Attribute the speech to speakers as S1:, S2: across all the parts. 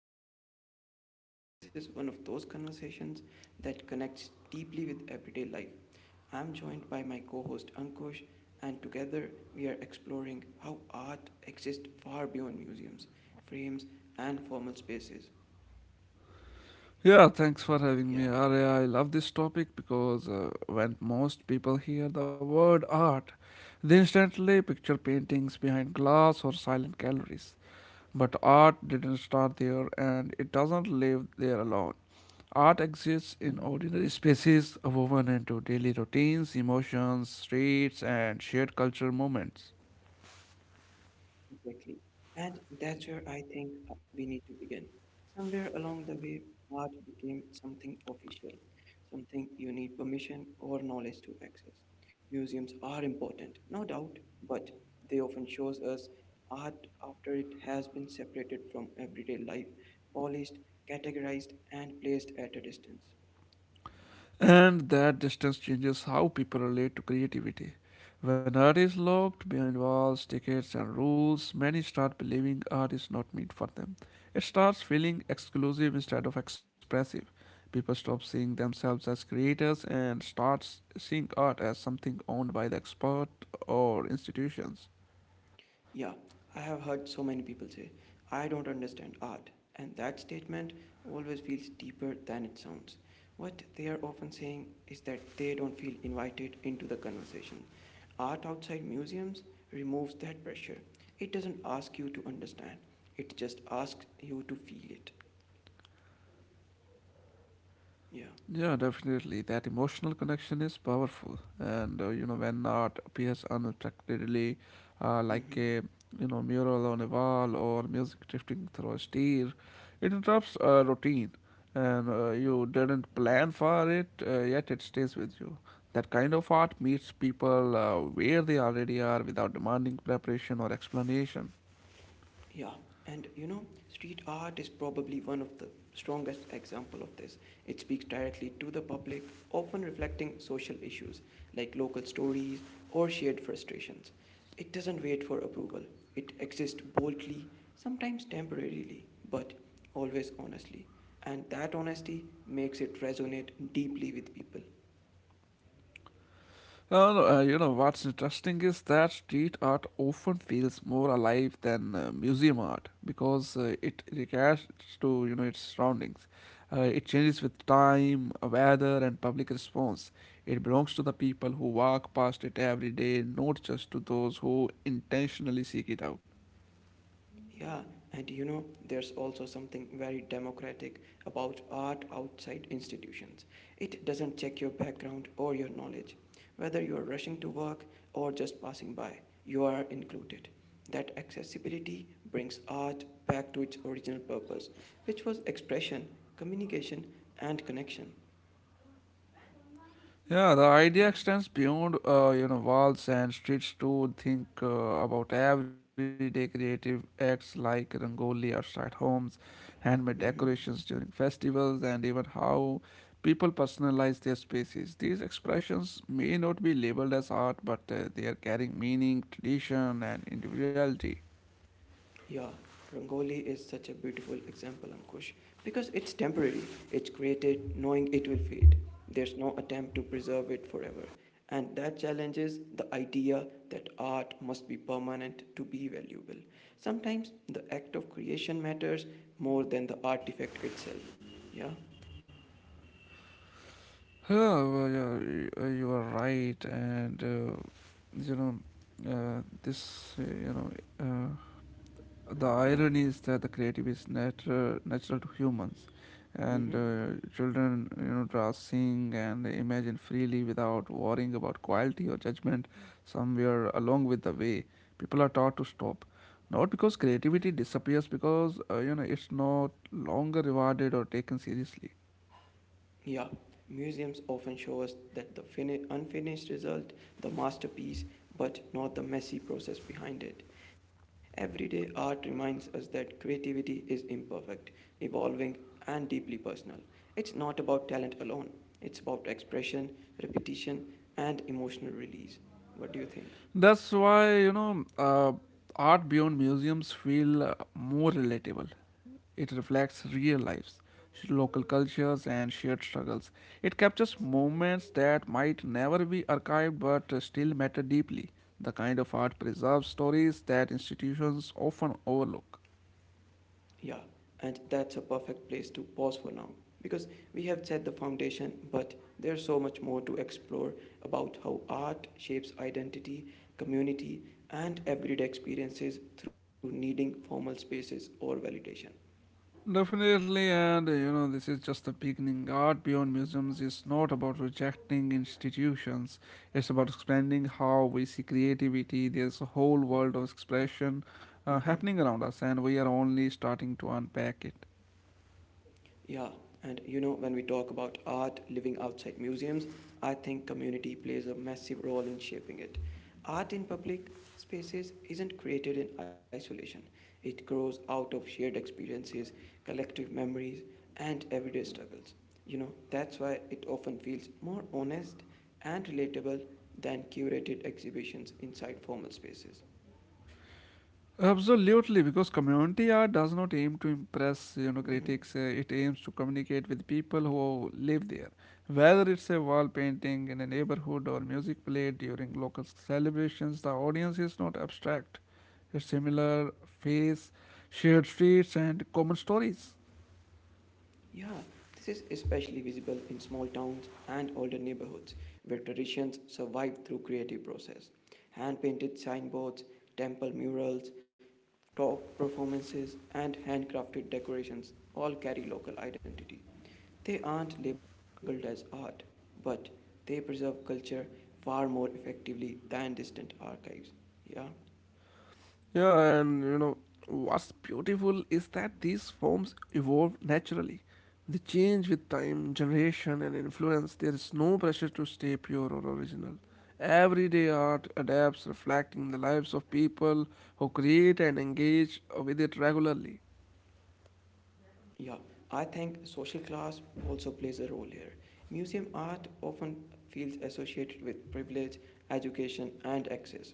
S1: glad you are here today because this is one of those conversations that connects deeply with everyday life. I'm joined by my co host Ankush, and together we are exploring how art exists far beyond museums, frames, and formal spaces.
S2: Yeah, thanks for having me,
S1: Yeah.
S2: Arya. I love this topic because when most people hear the word art, they instantly picture paintings behind glass or silent galleries. But art didn't start there and it doesn't live there alone. Art exists in ordinary spaces woven into daily routines, emotions, streets, and shared cultural moments.
S1: Exactly. And that's where I think we need to begin. Somewhere along the way, art became something official, something you need permission or knowledge to access. Museums are important, no doubt, but they often shows us art after it has been separated from everyday life, polished, categorized, and placed at a distance.
S2: And that distance changes how people relate to creativity. When art is locked behind walls, tickets, and rules, many start believing art is not meant for them. It starts feeling exclusive instead of expressive. People stop seeing themselves as creators and start seeing art as something owned by the expert or institutions.
S1: Yeah, I have heard so many people say, I don't understand art, and that statement always feels deeper than it sounds. What they are often saying is that they don't feel invited into the conversation. Art outside museums removes that pressure. It doesn't ask you to understand, it just asks you to feel it. Yeah.
S2: Yeah, definitely. That emotional connection is powerful, and when art appears unexpectedly, like
S1: Mm-hmm.
S2: a mural on a wall or music drifting through a stair, it interrupts a routine, and you didn't plan for it, yet it stays with you. That kind of art meets people where they already are without demanding preparation or explanation.
S1: Yeah, and you know, street art is probably one of the strongest example of this. It speaks directly to the public, often reflecting social issues like local stories or shared frustrations. It doesn't wait for approval. It exists boldly, sometimes temporarily, but always honestly. And that honesty makes it resonate deeply with people.
S2: No, You know what's interesting is that street art often feels more alive than museum art because it reacts to its surroundings. It changes with time, weather, and public response. It belongs to the people who walk past it every day, not just to those who intentionally seek it out.
S1: Yeah, and you know, there's also something very democratic about art outside institutions. It doesn't check your background or your knowledge. Whether you are rushing to work or just passing by, you are included. That accessibility brings art back to its original purpose, which was expression, communication, and connection.
S2: Yeah, the idea
S1: Yeah.
S2: extends beyond walls and streets to think about everyday creative acts like rangoli outside homes, handmade decorations during
S1: Hmm.
S2: festivals, and even how people personalize their spaces. These expressions may not be labeled as art, but they are carrying meaning, tradition, and individuality.
S1: Yeah, Rangoli is such a beautiful example, Ankush, because it's temporary. It's created knowing it will fade. There's no attempt to preserve it forever. And that challenges the idea that art must be permanent to be valuable. Sometimes the act of creation matters more than the artifact itself. Yeah,
S2: Yeah, you are right, and you know, this you know. Uh, the
S1: yeah.
S2: irony is that the creative is natural to humans, and
S1: Mm-hmm.
S2: children draw, sing, and imagine freely without worrying about quality or judgment. Somewhere along with the way, people are taught to stop, not because creativity disappears, because it's not longer rewarded or taken seriously.
S1: Yeah, museums often show us that the unfinished result, the masterpiece, but not the messy process behind it. Everyday art reminds us that creativity is imperfect, evolving, and deeply personal. It's not about talent alone, it's about expression, repetition, and emotional release. What do you think?
S2: That's why, art beyond museums feel more relatable. It reflects real lives, local cultures, and shared struggles. It captures moments that might never be archived but still matter deeply. The kind of art preserves stories that institutions often overlook.
S1: Yeah, and that's a perfect place to pause for now because we have set the foundation, but there's so much more to explore about how art shapes identity, community, and everyday experiences through needing formal spaces or validation.
S2: Definitely, and this is just the beginning. Art beyond museums is not about rejecting institutions, it's about expanding how we see creativity. There's a whole world of expression
S1: Mhm.
S2: happening around us, and we are only starting to unpack it.
S1: Yeah, and you know, when we talk about art living outside museums, I think community plays a massive role in shaping it. Art in public spaces isn't created in isolation, it grows out of shared experiences, collective memories, and everyday struggles. You know, that's why it often feels more honest and relatable than curated exhibitions inside formal spaces.
S2: Absolutely, because community art does not aim to impress,
S1: Mm-hmm.
S2: critics. It aims to communicate with people who live there. Whether it's a wall painting in a neighborhood or music played during local celebrations, the audience is not abstract. It's similar face, shared streets, and common stories.
S1: Yeah, this is especially visible in small towns and older neighborhoods where traditions survive through creative process. Hand-painted signboards, temple murals, talk performances and handcrafted decorations all carry local identity. They aren't labeled as art, but they preserve culture far more effectively than distant archives. Yeah.
S2: Yeah, and what's beautiful is that these forms evolve naturally. They change with time, generation, and influence. There is no pressure to stay pure or original. Everyday art adapts, reflecting the lives of people who create and engage with it regularly.
S1: Yeah, I think social class also plays a role here. Museum art often feels associated with privilege, education, and access.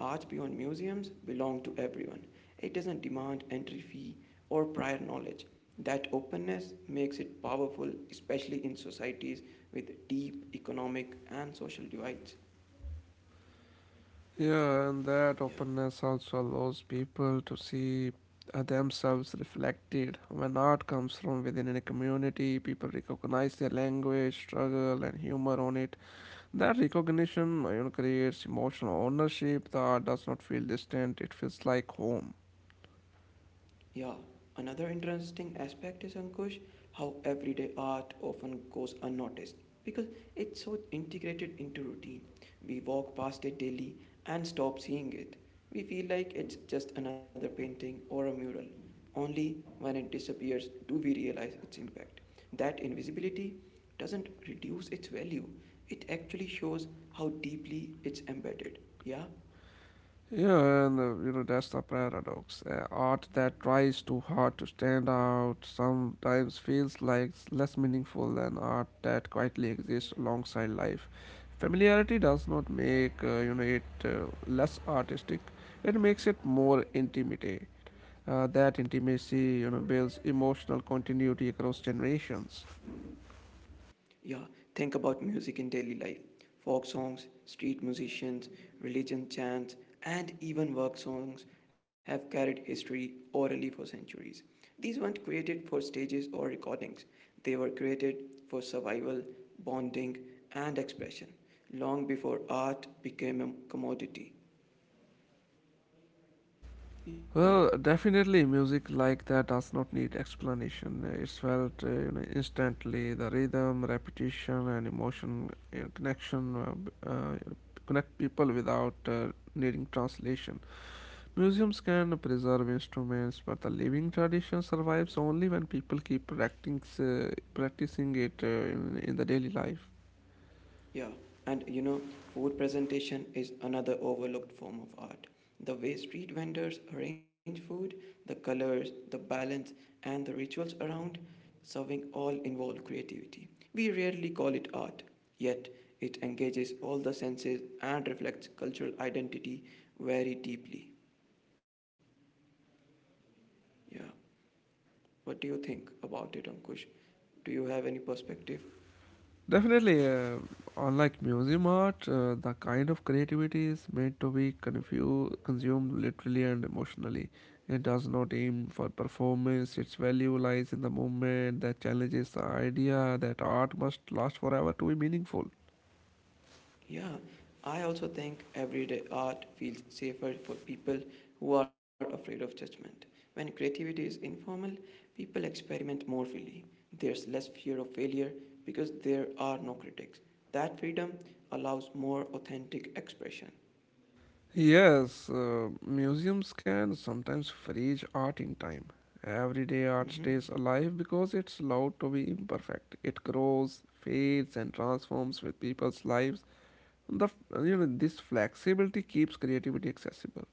S1: Art beyond museums belong to everyone. It doesn't demand entry fee or prior knowledge. That openness makes it powerful, especially in societies with deep economic and social divides.
S2: Yeah, and that
S1: Yeah.
S2: openness also allows people to see themselves reflected. When art comes from within a community, people recognize their language, struggle, and humor on it. That recognition, creates emotional ownership that does not feel distant, it feels like home.
S1: Yeah, another interesting aspect is Ankush how everyday art often goes unnoticed because it's so integrated into routine. We walk past it daily and stop seeing it. We feel like it's just another painting or a mural. Only when it disappears do we realize its impact. That invisibility doesn't reduce its value, it actually shows how deeply it's embedded. Yeah?
S2: Yeah, and that's the paradox. Art that tries too hard to stand out sometimes feels like it's less meaningful than art that quietly exists alongside life. Familiarity does not make it less artistic, it makes it more intimate. That intimacy, builds emotional continuity across generations.
S1: Yeah, think about music in daily life. Folk songs, street musicians, religion chants, and even work songs have carried history orally for centuries. These weren't created for stages or recordings, they were created for survival, bonding, and expression long before art became a commodity. Yeah.
S2: Well, definitely, music like that does not need explanation. It's felt, instantly. The rhythm, repetition, and emotion, connection connect people without needing translation. Museums can preserve instruments, but the living tradition survives only when people keep practicing, practicing it in the daily life.
S1: Yeah, and you know, food presentation is another overlooked form of art. The way street vendors arrange food, the colors, the balance, and the rituals around serving all involve creativity. We rarely call it art, yet, it engages all the senses and reflects cultural identity very deeply. Yeah, what do you think about it, Ankush? Do you have any perspective?
S2: Definitely, unlike museum art, the kind of creativity is meant to be consumed literally and emotionally. It does not aim for performance, its value lies in the moment that challenges the idea that art must last forever to be meaningful.
S1: Yeah, I also think everyday art feels safer for people who are afraid of judgment. When creativity is informal, people experiment more freely. There's less fear of failure because there are no critics. That freedom allows more authentic expression.
S2: Yes, museums can sometimes freeze art in time. Everyday art
S1: Mhm.
S2: stays alive because it's allowed to be imperfect. It grows, fades, and transforms with people's lives. The you know this flexibility keeps creativity accessible.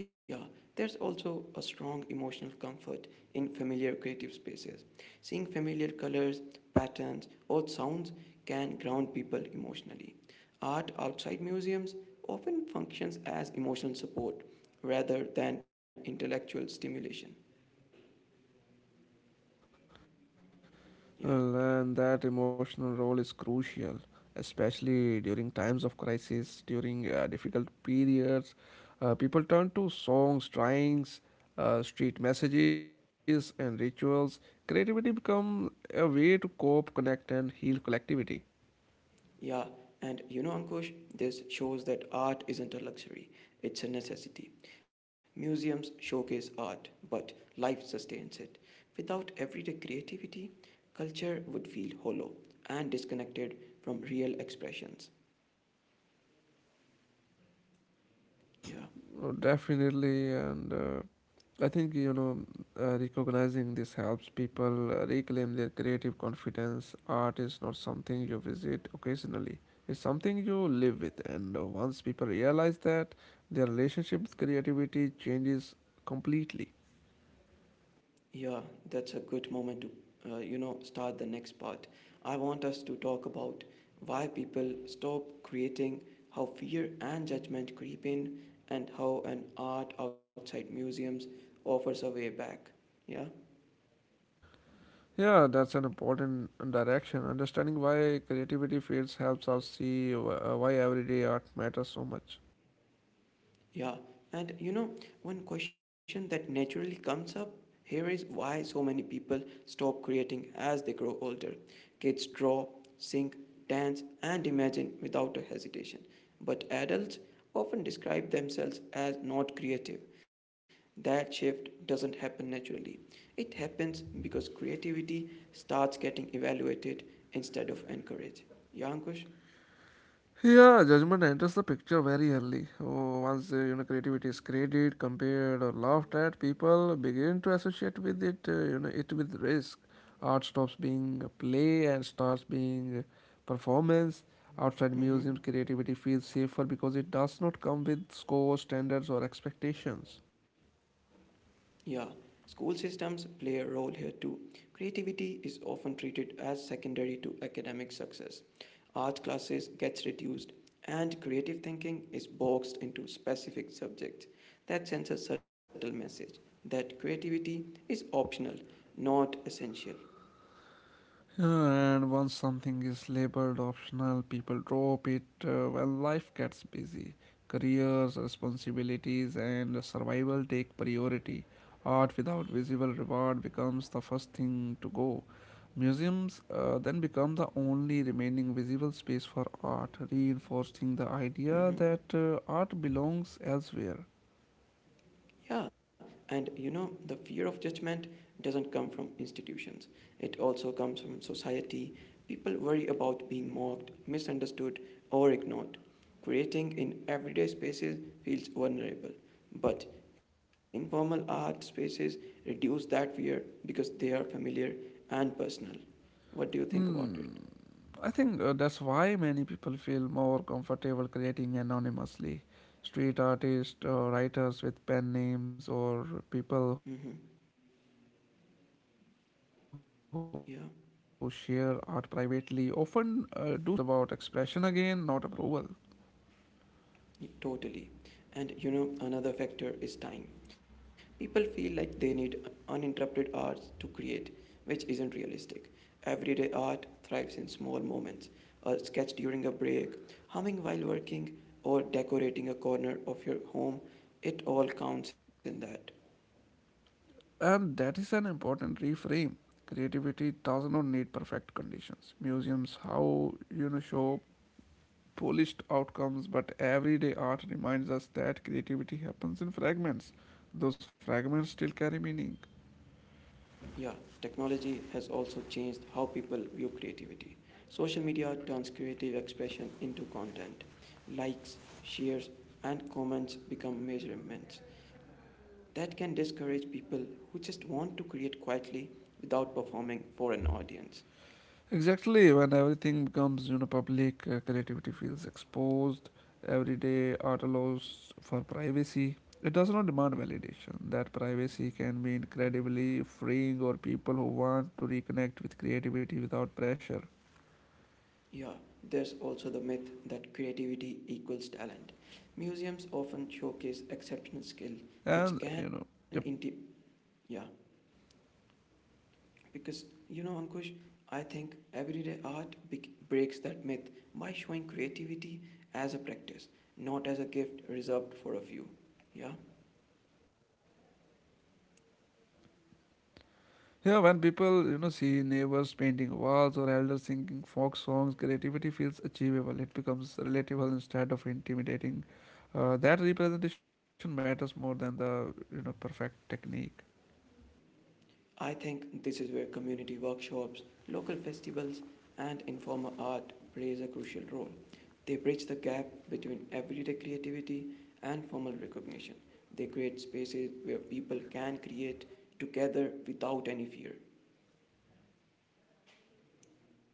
S1: Yeah, there's also a strong emotional comfort in familiar creative spaces. Seeing familiar colors, patterns, or sounds can ground people emotionally. Art outside museums often functions as emotional support rather than intellectual stimulation. Yeah.
S2: Well, and that emotional role is crucial, especially during times of crisis. During difficult periods, people turn to songs, drawings, street messages, and rituals. Creativity becomes a way to cope, connect, and heal collectivity.
S1: Yeah, and you know, Ankush, this shows that art isn't a luxury, it's a necessity. Museums showcase art, but life sustains it. Without everyday creativity, culture would feel hollow and disconnected from real expressions. Yeah.
S2: Oh, definitely, and I think, recognizing this helps people reclaim their creative confidence. Art is not something you visit occasionally; it's something you live with. And once people realize that, their relationship with creativity changes completely.
S1: Yeah, that's a good moment to, you know, start the next part. I want us to talk about why people stop creating, how fear and judgment creep in, and how an art outside museums offers a way back. Yeah?
S2: Yeah, that's an important direction. Understanding why creativity fades helps us see why everyday art matters so much.
S1: Yeah, and you know, one question that naturally comes up here is why so many people stop creating as they grow older. Kids draw, sing, dance, and imagine without a hesitation, but adults often describe themselves as not creative. That shift doesn't happen naturally. It happens because creativity starts getting evaluated instead of encouraged. Yeah, Ankush?
S2: Yeah, judgment enters the picture very early. Oh, once creativity is created, compared, or laughed at, people begin to associate with it. It with risk. Art stops being a play and starts being a performance. Outside
S1: Mm-hmm.
S2: museums, creativity feels safer because it does not come with scores, standards, or expectations.
S1: Yeah, school systems play a role here too. Creativity is often treated as secondary to academic success. Art classes gets reduced and creative thinking is boxed into specific subjects. That sends a subtle message that creativity is optional, not essential.
S2: And once something is labeled optional, people drop it when life gets busy. Careers, responsibilities, and survival take priority. Art without visible reward becomes the first thing to go. Museums then become the only remaining visible space for art, reinforcing the idea
S1: Mhm.
S2: that art belongs elsewhere.
S1: Yeah, and you know, the fear of judgment doesn't come from institutions, it also comes from society. People worry about being mocked, misunderstood, or ignored. Creating in everyday spaces feels vulnerable, but informal art spaces reduce that fear because they are familiar and personal. What do you think about it?
S2: Hmm. I think that's why many people feel more comfortable creating anonymously. Street artists, writers with pen names, or people who
S1: Mm-hmm.
S2: share art privately often do so because
S1: Yeah.
S2: anonymity removes pressure. The art becomes about expression again, not approval.
S1: Totally. And you know, another factor is time. People feel like they need uninterrupted hours to create, which isn't realistic. Everyday art thrives in small moments a sketch during a break, humming while working, or decorating a corner of your home. It all counts in that.
S2: And that is an important reframe. Creativity does not need perfect conditions. Museums, show polished outcomes, but everyday art reminds us that creativity happens in fragments. Those fragments still carry meaning.
S1: Yeah, technology has also changed how people view creativity. Social media turns creative expression into content. Likes, shares, and comments become measurements. That can discourage people who just want to create quietly without performing for an audience.
S2: Exactly, when everything becomes public, creativity feels exposed. Everyday art allows for privacy. It does not demand validation. That privacy can be incredibly freeing for people who want to reconnect with creativity without pressure.
S1: Yeah, there's also the myth that creativity equals talent. Museums often showcase exceptional
S2: And
S1: skill, which can yeah, because you know, Ankush, I think everyday art breaks that myth by showing creativity as a practice, not as a gift reserved for a few. Yeah.
S2: yeah, when people, see neighbors painting walls or elders singing folk songs, creativity feels achievable. It becomes relatable instead of intimidating. That representation matters more than the, perfect technique.
S1: I think this is where community workshops, local festivals, and informal art plays a crucial role. They bridge the gap between everyday creativity and formal recognition. They create spaces where people can create together without any fear.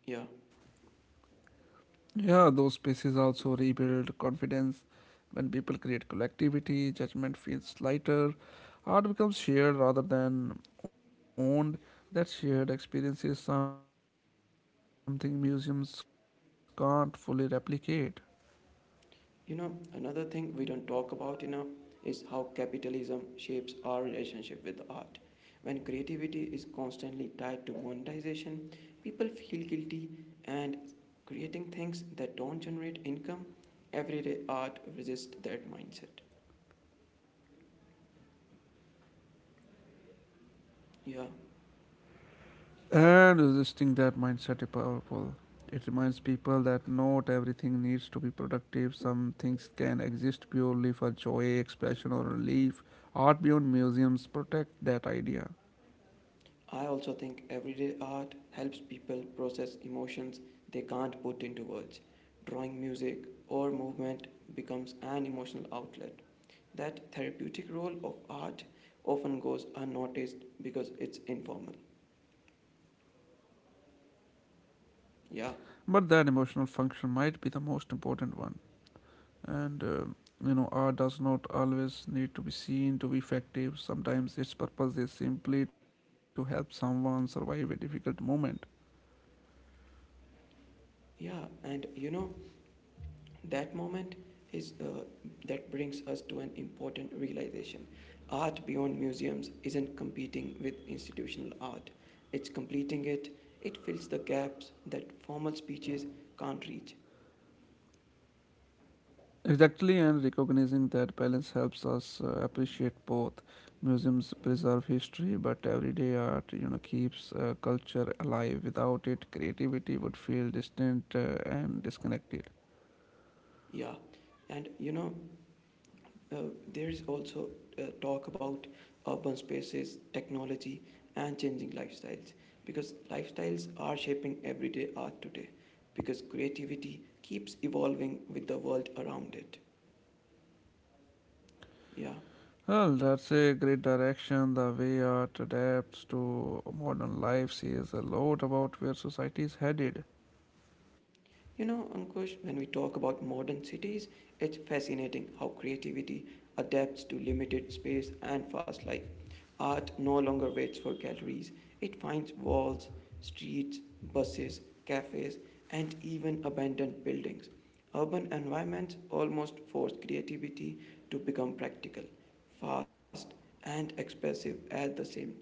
S1: Yeah.
S2: Yeah, those spaces also rebuild confidence. When people create collectivity, judgment feels lighter. Art becomes shared rather than owned. That shared experience is something museums can't fully replicate.
S1: You know, another thing we don't talk about enough is how capitalism shapes our relationship with art. When creativity is constantly tied to monetization, people feel guilty and creating things that don't generate income, everyday art resists that mindset. Yeah.
S2: And resisting that mindset is powerful. It reminds people that not everything needs to be productive. Some things can exist purely for joy, expression, or relief. Art beyond museums protect that idea.
S1: I also think everyday art helps people process emotions they can't put into words. Drawing music or movement becomes an emotional outlet. That therapeutic role of art often goes unnoticed because it's informal. Yeah,
S2: But that emotional function might be the most important one. And art does not always need to be seen to be effective. Sometimes its purpose is simply to help someone survive a difficult moment.
S1: yeah, and you know, that moment is that brings us to an important realization. Art beyond museums isn't competing with institutional art. It's completing it. It fills the gaps that formal speeches can't reach.
S2: Exactly, and recognizing that balance helps us appreciate both. Museums preserve history, but everyday art, keeps culture alive. Without it, creativity would feel distant and disconnected.
S1: Yeah. And you know, uh, there is also talk about urban spaces, technology, and changing lifestyles because lifestyles are shaping everyday art today because creativity keeps evolving with the world around it. Yeah.
S2: Well, that's a great direction. The way art adapts to modern lives says a lot about where society is headed.
S1: You know, Ankush, when we talk about modern cities, it's fascinating how creativity adapts to limited space and fast life. Art no longer waits for galleries, it finds walls, streets, buses, cafes, and even abandoned buildings. Urban environments almost force creativity to become practical, fast, and expressive at the same time.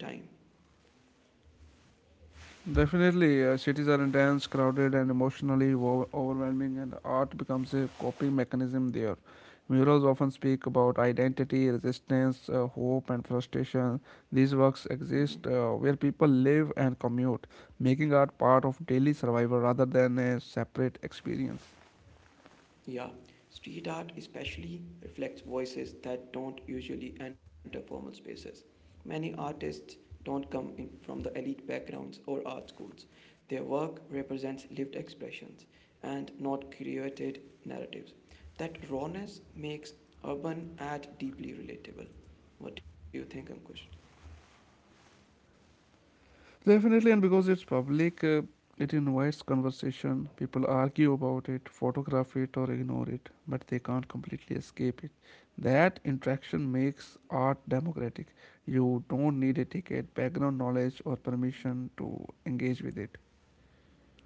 S2: Definitely, cities are intense, crowded, and emotionally overwhelming, and art becomes a coping mechanism there. Murals often speak about identity, resistance, hope, and frustration. These works
S1: Mhm.
S2: exist where people live and commute, making art part of daily survival rather than a separate experience.
S1: Yeah, street art especially reflects voices that don't usually enter formal spaces. Many artists don't come in from the elite backgrounds or art schools. Their work represents lived expressions and not created narratives. That rawness makes urban art deeply relatable. What do you think, Ankush?
S2: Definitely, and because it's public, it invites conversation. People argue about it, photograph it, or ignore it, but they can't completely escape it. That interaction makes art democratic. You don't need a ticket, background knowledge, or permission to engage with it.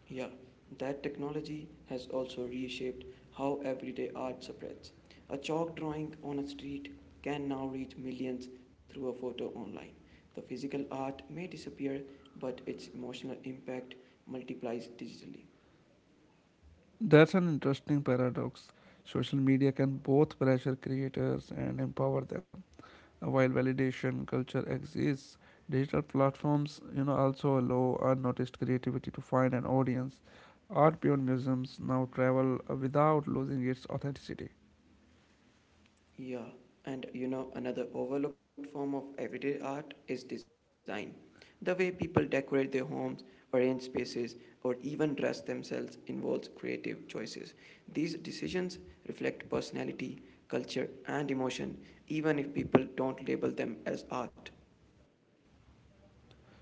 S1: Yeah, that technology has also reshaped how everyday art spreads. A chalk drawing on a street can now reach millions through a photo online. The physical art may disappear, but its emotional impact multiplies digitally.
S2: That's an interesting paradox. Social media can both pressure creators and empower them. While validation culture exists, digital platforms, also allow unnoticed creativity to find an audience. Art beyond museums now travel without losing its authenticity.
S1: Yeah, and you know, another overlooked form of everyday art is design. The way people decorate their homes, arrange spaces, or even dress themselves involves creative choices. These decisions reflect personality, culture, and emotion, even if people don't label them as art.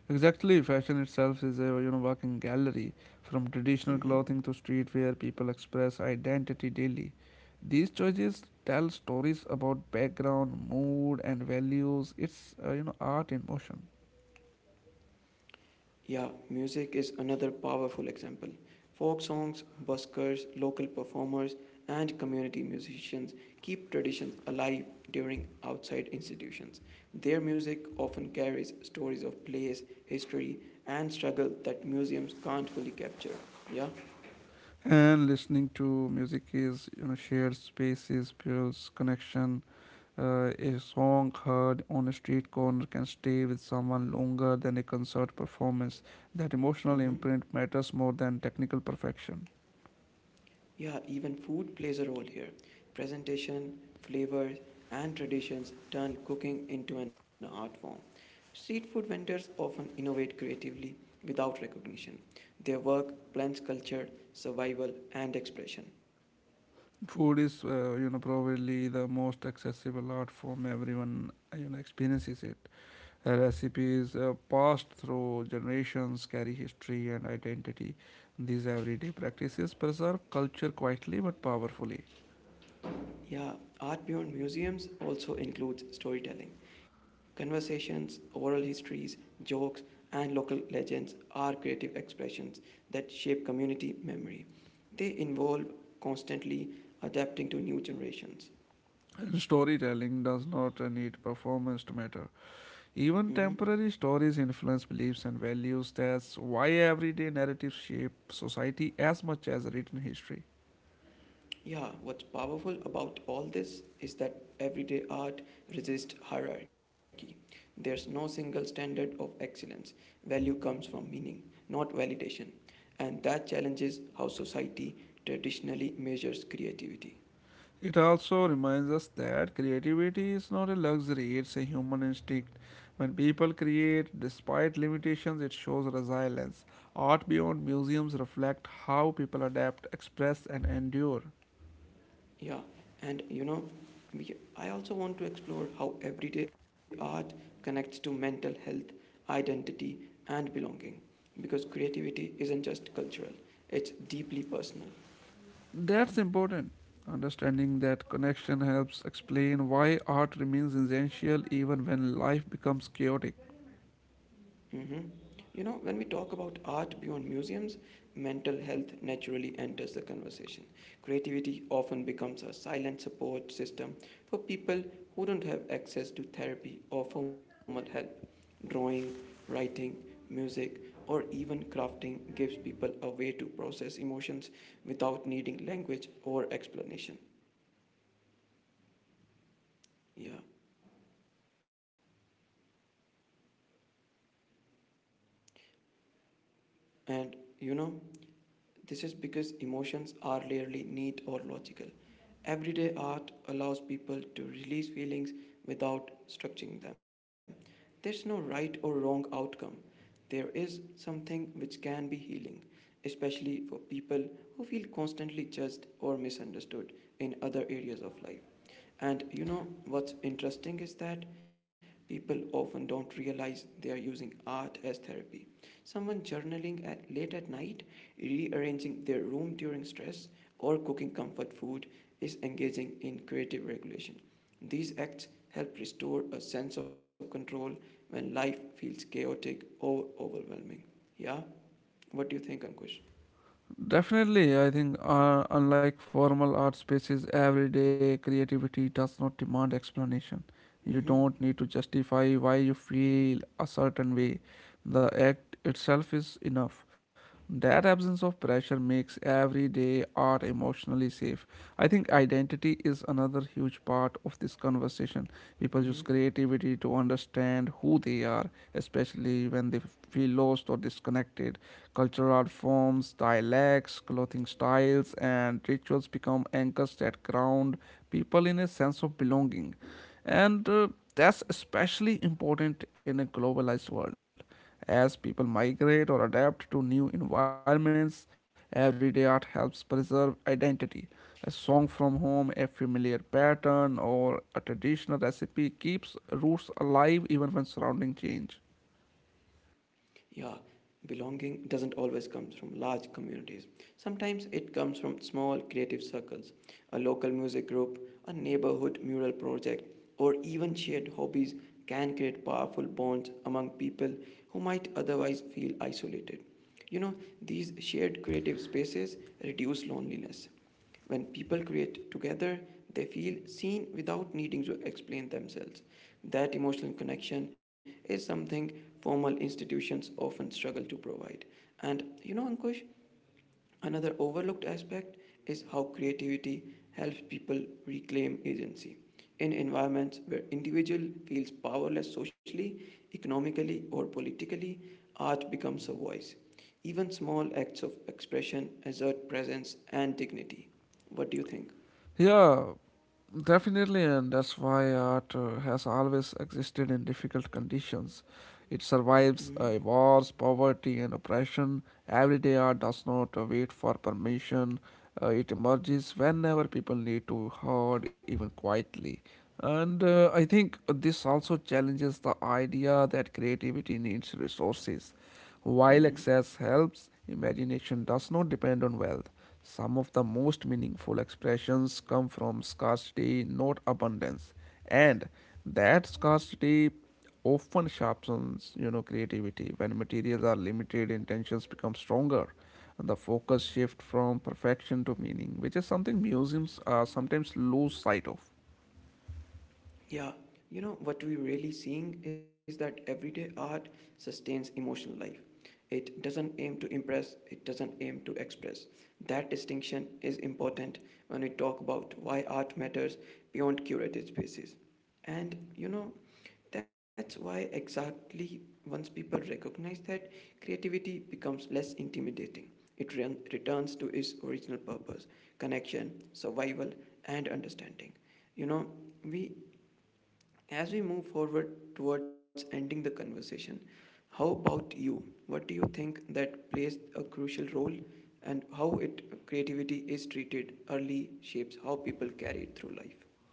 S2: Exactly, fashion itself is a working gallery, from traditional
S1: Mhm.
S2: clothing to streetwear. People express identity daily. These choices tell stories about background, mood, and values. It's art in motion.
S1: Yeah, music is another powerful example. Folk songs, buskers, local performers, and community musicians keep traditions alive during outside institutions. Their music often carries stories of place, history, and struggle that museums can't fully capture. Yeah?
S2: And listening to music is shared spaces builds connection. A song heard on a street corner can stay with someone longer than a concert performance. That
S1: Mm-hmm.
S2: emotional imprint matters more than technical perfection.
S1: Yeah, even food plays a role here. Presentation, flavors, and traditions turn cooking into an art form. Street food vendors often innovate creatively without recognition. Their work blends culture, survival, and expression.
S2: Food is probably the most accessible art form. Everyone experiences it. Recipes passed through generations carry history and identity. These everyday practices preserve culture quietly but powerfully.
S1: Yeah, Art Beyond Museums also includes storytelling. Conversations, oral histories, jokes, and local legends are creative expressions that shape community memory. They involve constantly adapting to new generations.
S2: And storytelling does not need performance to matter.
S1: Mhm.
S2: Even temporary stories influence beliefs and values. That's why everyday narratives shape society as much as written history.
S1: Yeah, what's powerful about all this is that everyday art resists hierarchy. There's no single standard of excellence. Value comes from meaning, not validation. And that challenges how society traditionally measures creativity.
S2: It also reminds us that creativity is not a luxury, it's a human instinct. When people create, despite limitations, it shows resilience. Art beyond museums reflects how people adapt, express, and endure.
S1: Yeah, and I also want to explore how everyday art connects to mental health, identity, and belonging. Because creativity isn't just cultural, it's deeply personal.
S2: That's important. Understanding that connection helps explain why art remains essential even when life becomes chaotic.
S1: Mhm. You know, when we talk about art beyond museums, mental health naturally enters the conversation. Creativity often becomes a silent support system for people who don't have access to therapy or formal help. Drawing, writing, music, or even crafting gives people a way to process emotions without needing language or explanation. Yeah. And you know, This is because emotions are rarely neat or logical. Everyday art allows people to release feelings without structuring them. There's no right or wrong outcome. There is something which can be healing, especially for people who feel constantly judged or misunderstood in other areas of life. And you know what's interesting is that people often don't realize they are using art as therapy. Someone journaling at late at night, rearranging their room during stress, or cooking comfort food is engaging in creative regulation. These acts help restore a sense of control when life feels chaotic or overwhelming. Yeah, what do you think, Ankush?
S2: Definitely, I think, unlike formal art spaces, everyday creativity does not demand explanation. You don't
S1: Mm-hmm.
S2: need to justify why you feel a certain way. The act itself is enough. That absence of pressure makes everyday art emotionally safe. I think identity is another huge part of this conversation. People use
S1: Mm-hmm.
S2: creativity to understand who they are, especially when they feel lost or disconnected. Cultural art forms, dialects, clothing styles, and rituals become anchors that ground people in a sense of belonging. And that's especially important in a globalized world. As people migrate or adapt to new environments, everyday art helps preserve identity. A song from home, a familiar pattern, or a traditional recipe keeps roots alive even when surrounding change.
S1: Yeah, belonging doesn't always come from large communities. Sometimes it comes from small creative circles, a local music group, a neighborhood mural project, or even shared hobbies can create powerful bonds among people who might otherwise feel isolated. You know, these shared creative spaces reduce loneliness when people create together, they feel seen without needing to explain themselves. That emotional connection is something formal institutions often struggle to provide. And you know, Ankush, another overlooked aspect is how creativity helps people reclaim agency. In environments where individual feels powerless socially, economically, or politically, art becomes a voice. Even small acts of expression assert presence and dignity. What do you think?
S2: Yeah, definitely, and that's why art has always existed in difficult conditions. It survives
S1: Hmm.
S2: wars, poverty, and oppression. Everyday art does not wait for permission. It emerges whenever people need to heard, even quietly. And I think this also challenges the idea that creativity needs resources. While
S1: Hmm.
S2: excess helps, imagination does not depend on wealth. Some of the most meaningful expressions come from scarcity, not abundance. And that scarcity often sharpens, creativity. When materials are limited, intentions become stronger. And the focus shift from perfection to meaning, which is something museums sometimes lose sight of.
S1: Yeah, you know what we're really seeing is that everyday art sustains emotional life. It doesn't aim to impress, it doesn't aim to express. That distinction is important when we talk about why art matters beyond curated spaces. And you know, that's why exactly once people recognize that, creativity becomes less intimidating. It returns to its original purpose, connection, survival, and understanding. You know, we as we move forward towards ending the conversation, how about you? What do you think that plays a crucial role and how it creativity is treated early shapes how people carry it through life?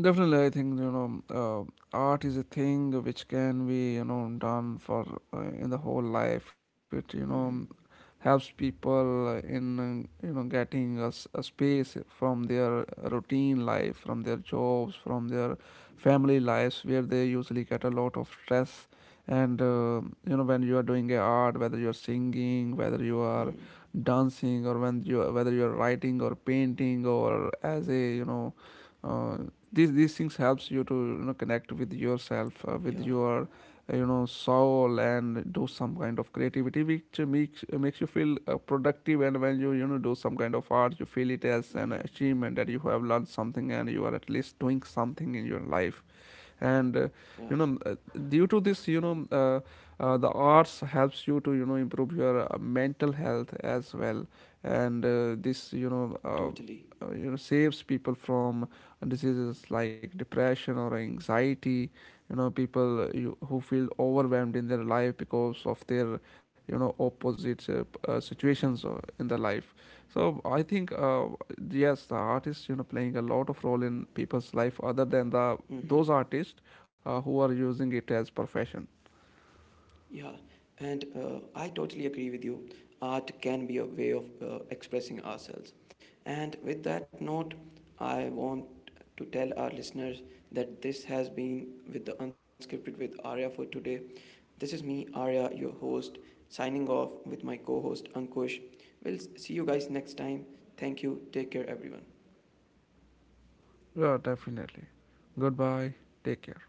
S2: Definitely, I think art is a thing which can be done for in the whole life. It
S1: Mm-hmm.
S2: helps people in getting a, a space from their routine life, from their jobs, from their family lives, where they usually get a lot of stress. And when you are doing a art, whether you are singing, whether you are
S1: Mm-hmm.
S2: dancing, or when you, whether you are writing or painting, or as a uh, these things helps you to connect with yourself
S1: Yeah.
S2: with your soul, and do some kind of creativity which makes you feel productive. And when you know do some kind of art, you feel it as an
S1: Mm-hmm.
S2: achievement, that you have learned something and you are at least doing something in your life. And
S1: Yeah.
S2: you know due to this you know the arts helps you to improve your mental health as well. And this
S1: Totally.
S2: you know saves people from diseases like depression or anxiety. People who feel overwhelmed in their life because of their opposite situations in their life. So I think, yes, the artist playing a lot of role in people's life, other than the those
S1: Mm-hmm.
S2: artists who are using it as profession.
S1: Yeah, and I totally agree with you. Art can be a way of expressing ourselves. And with that note, I want to tell our listeners that this has been with the Unscripted with Arya for today. This is me, Arya, your host, signing off with my co host Ankush. See you guys next time. Thank you. Take care, everyone.
S2: Yeah, definitely. Goodbye. Take care.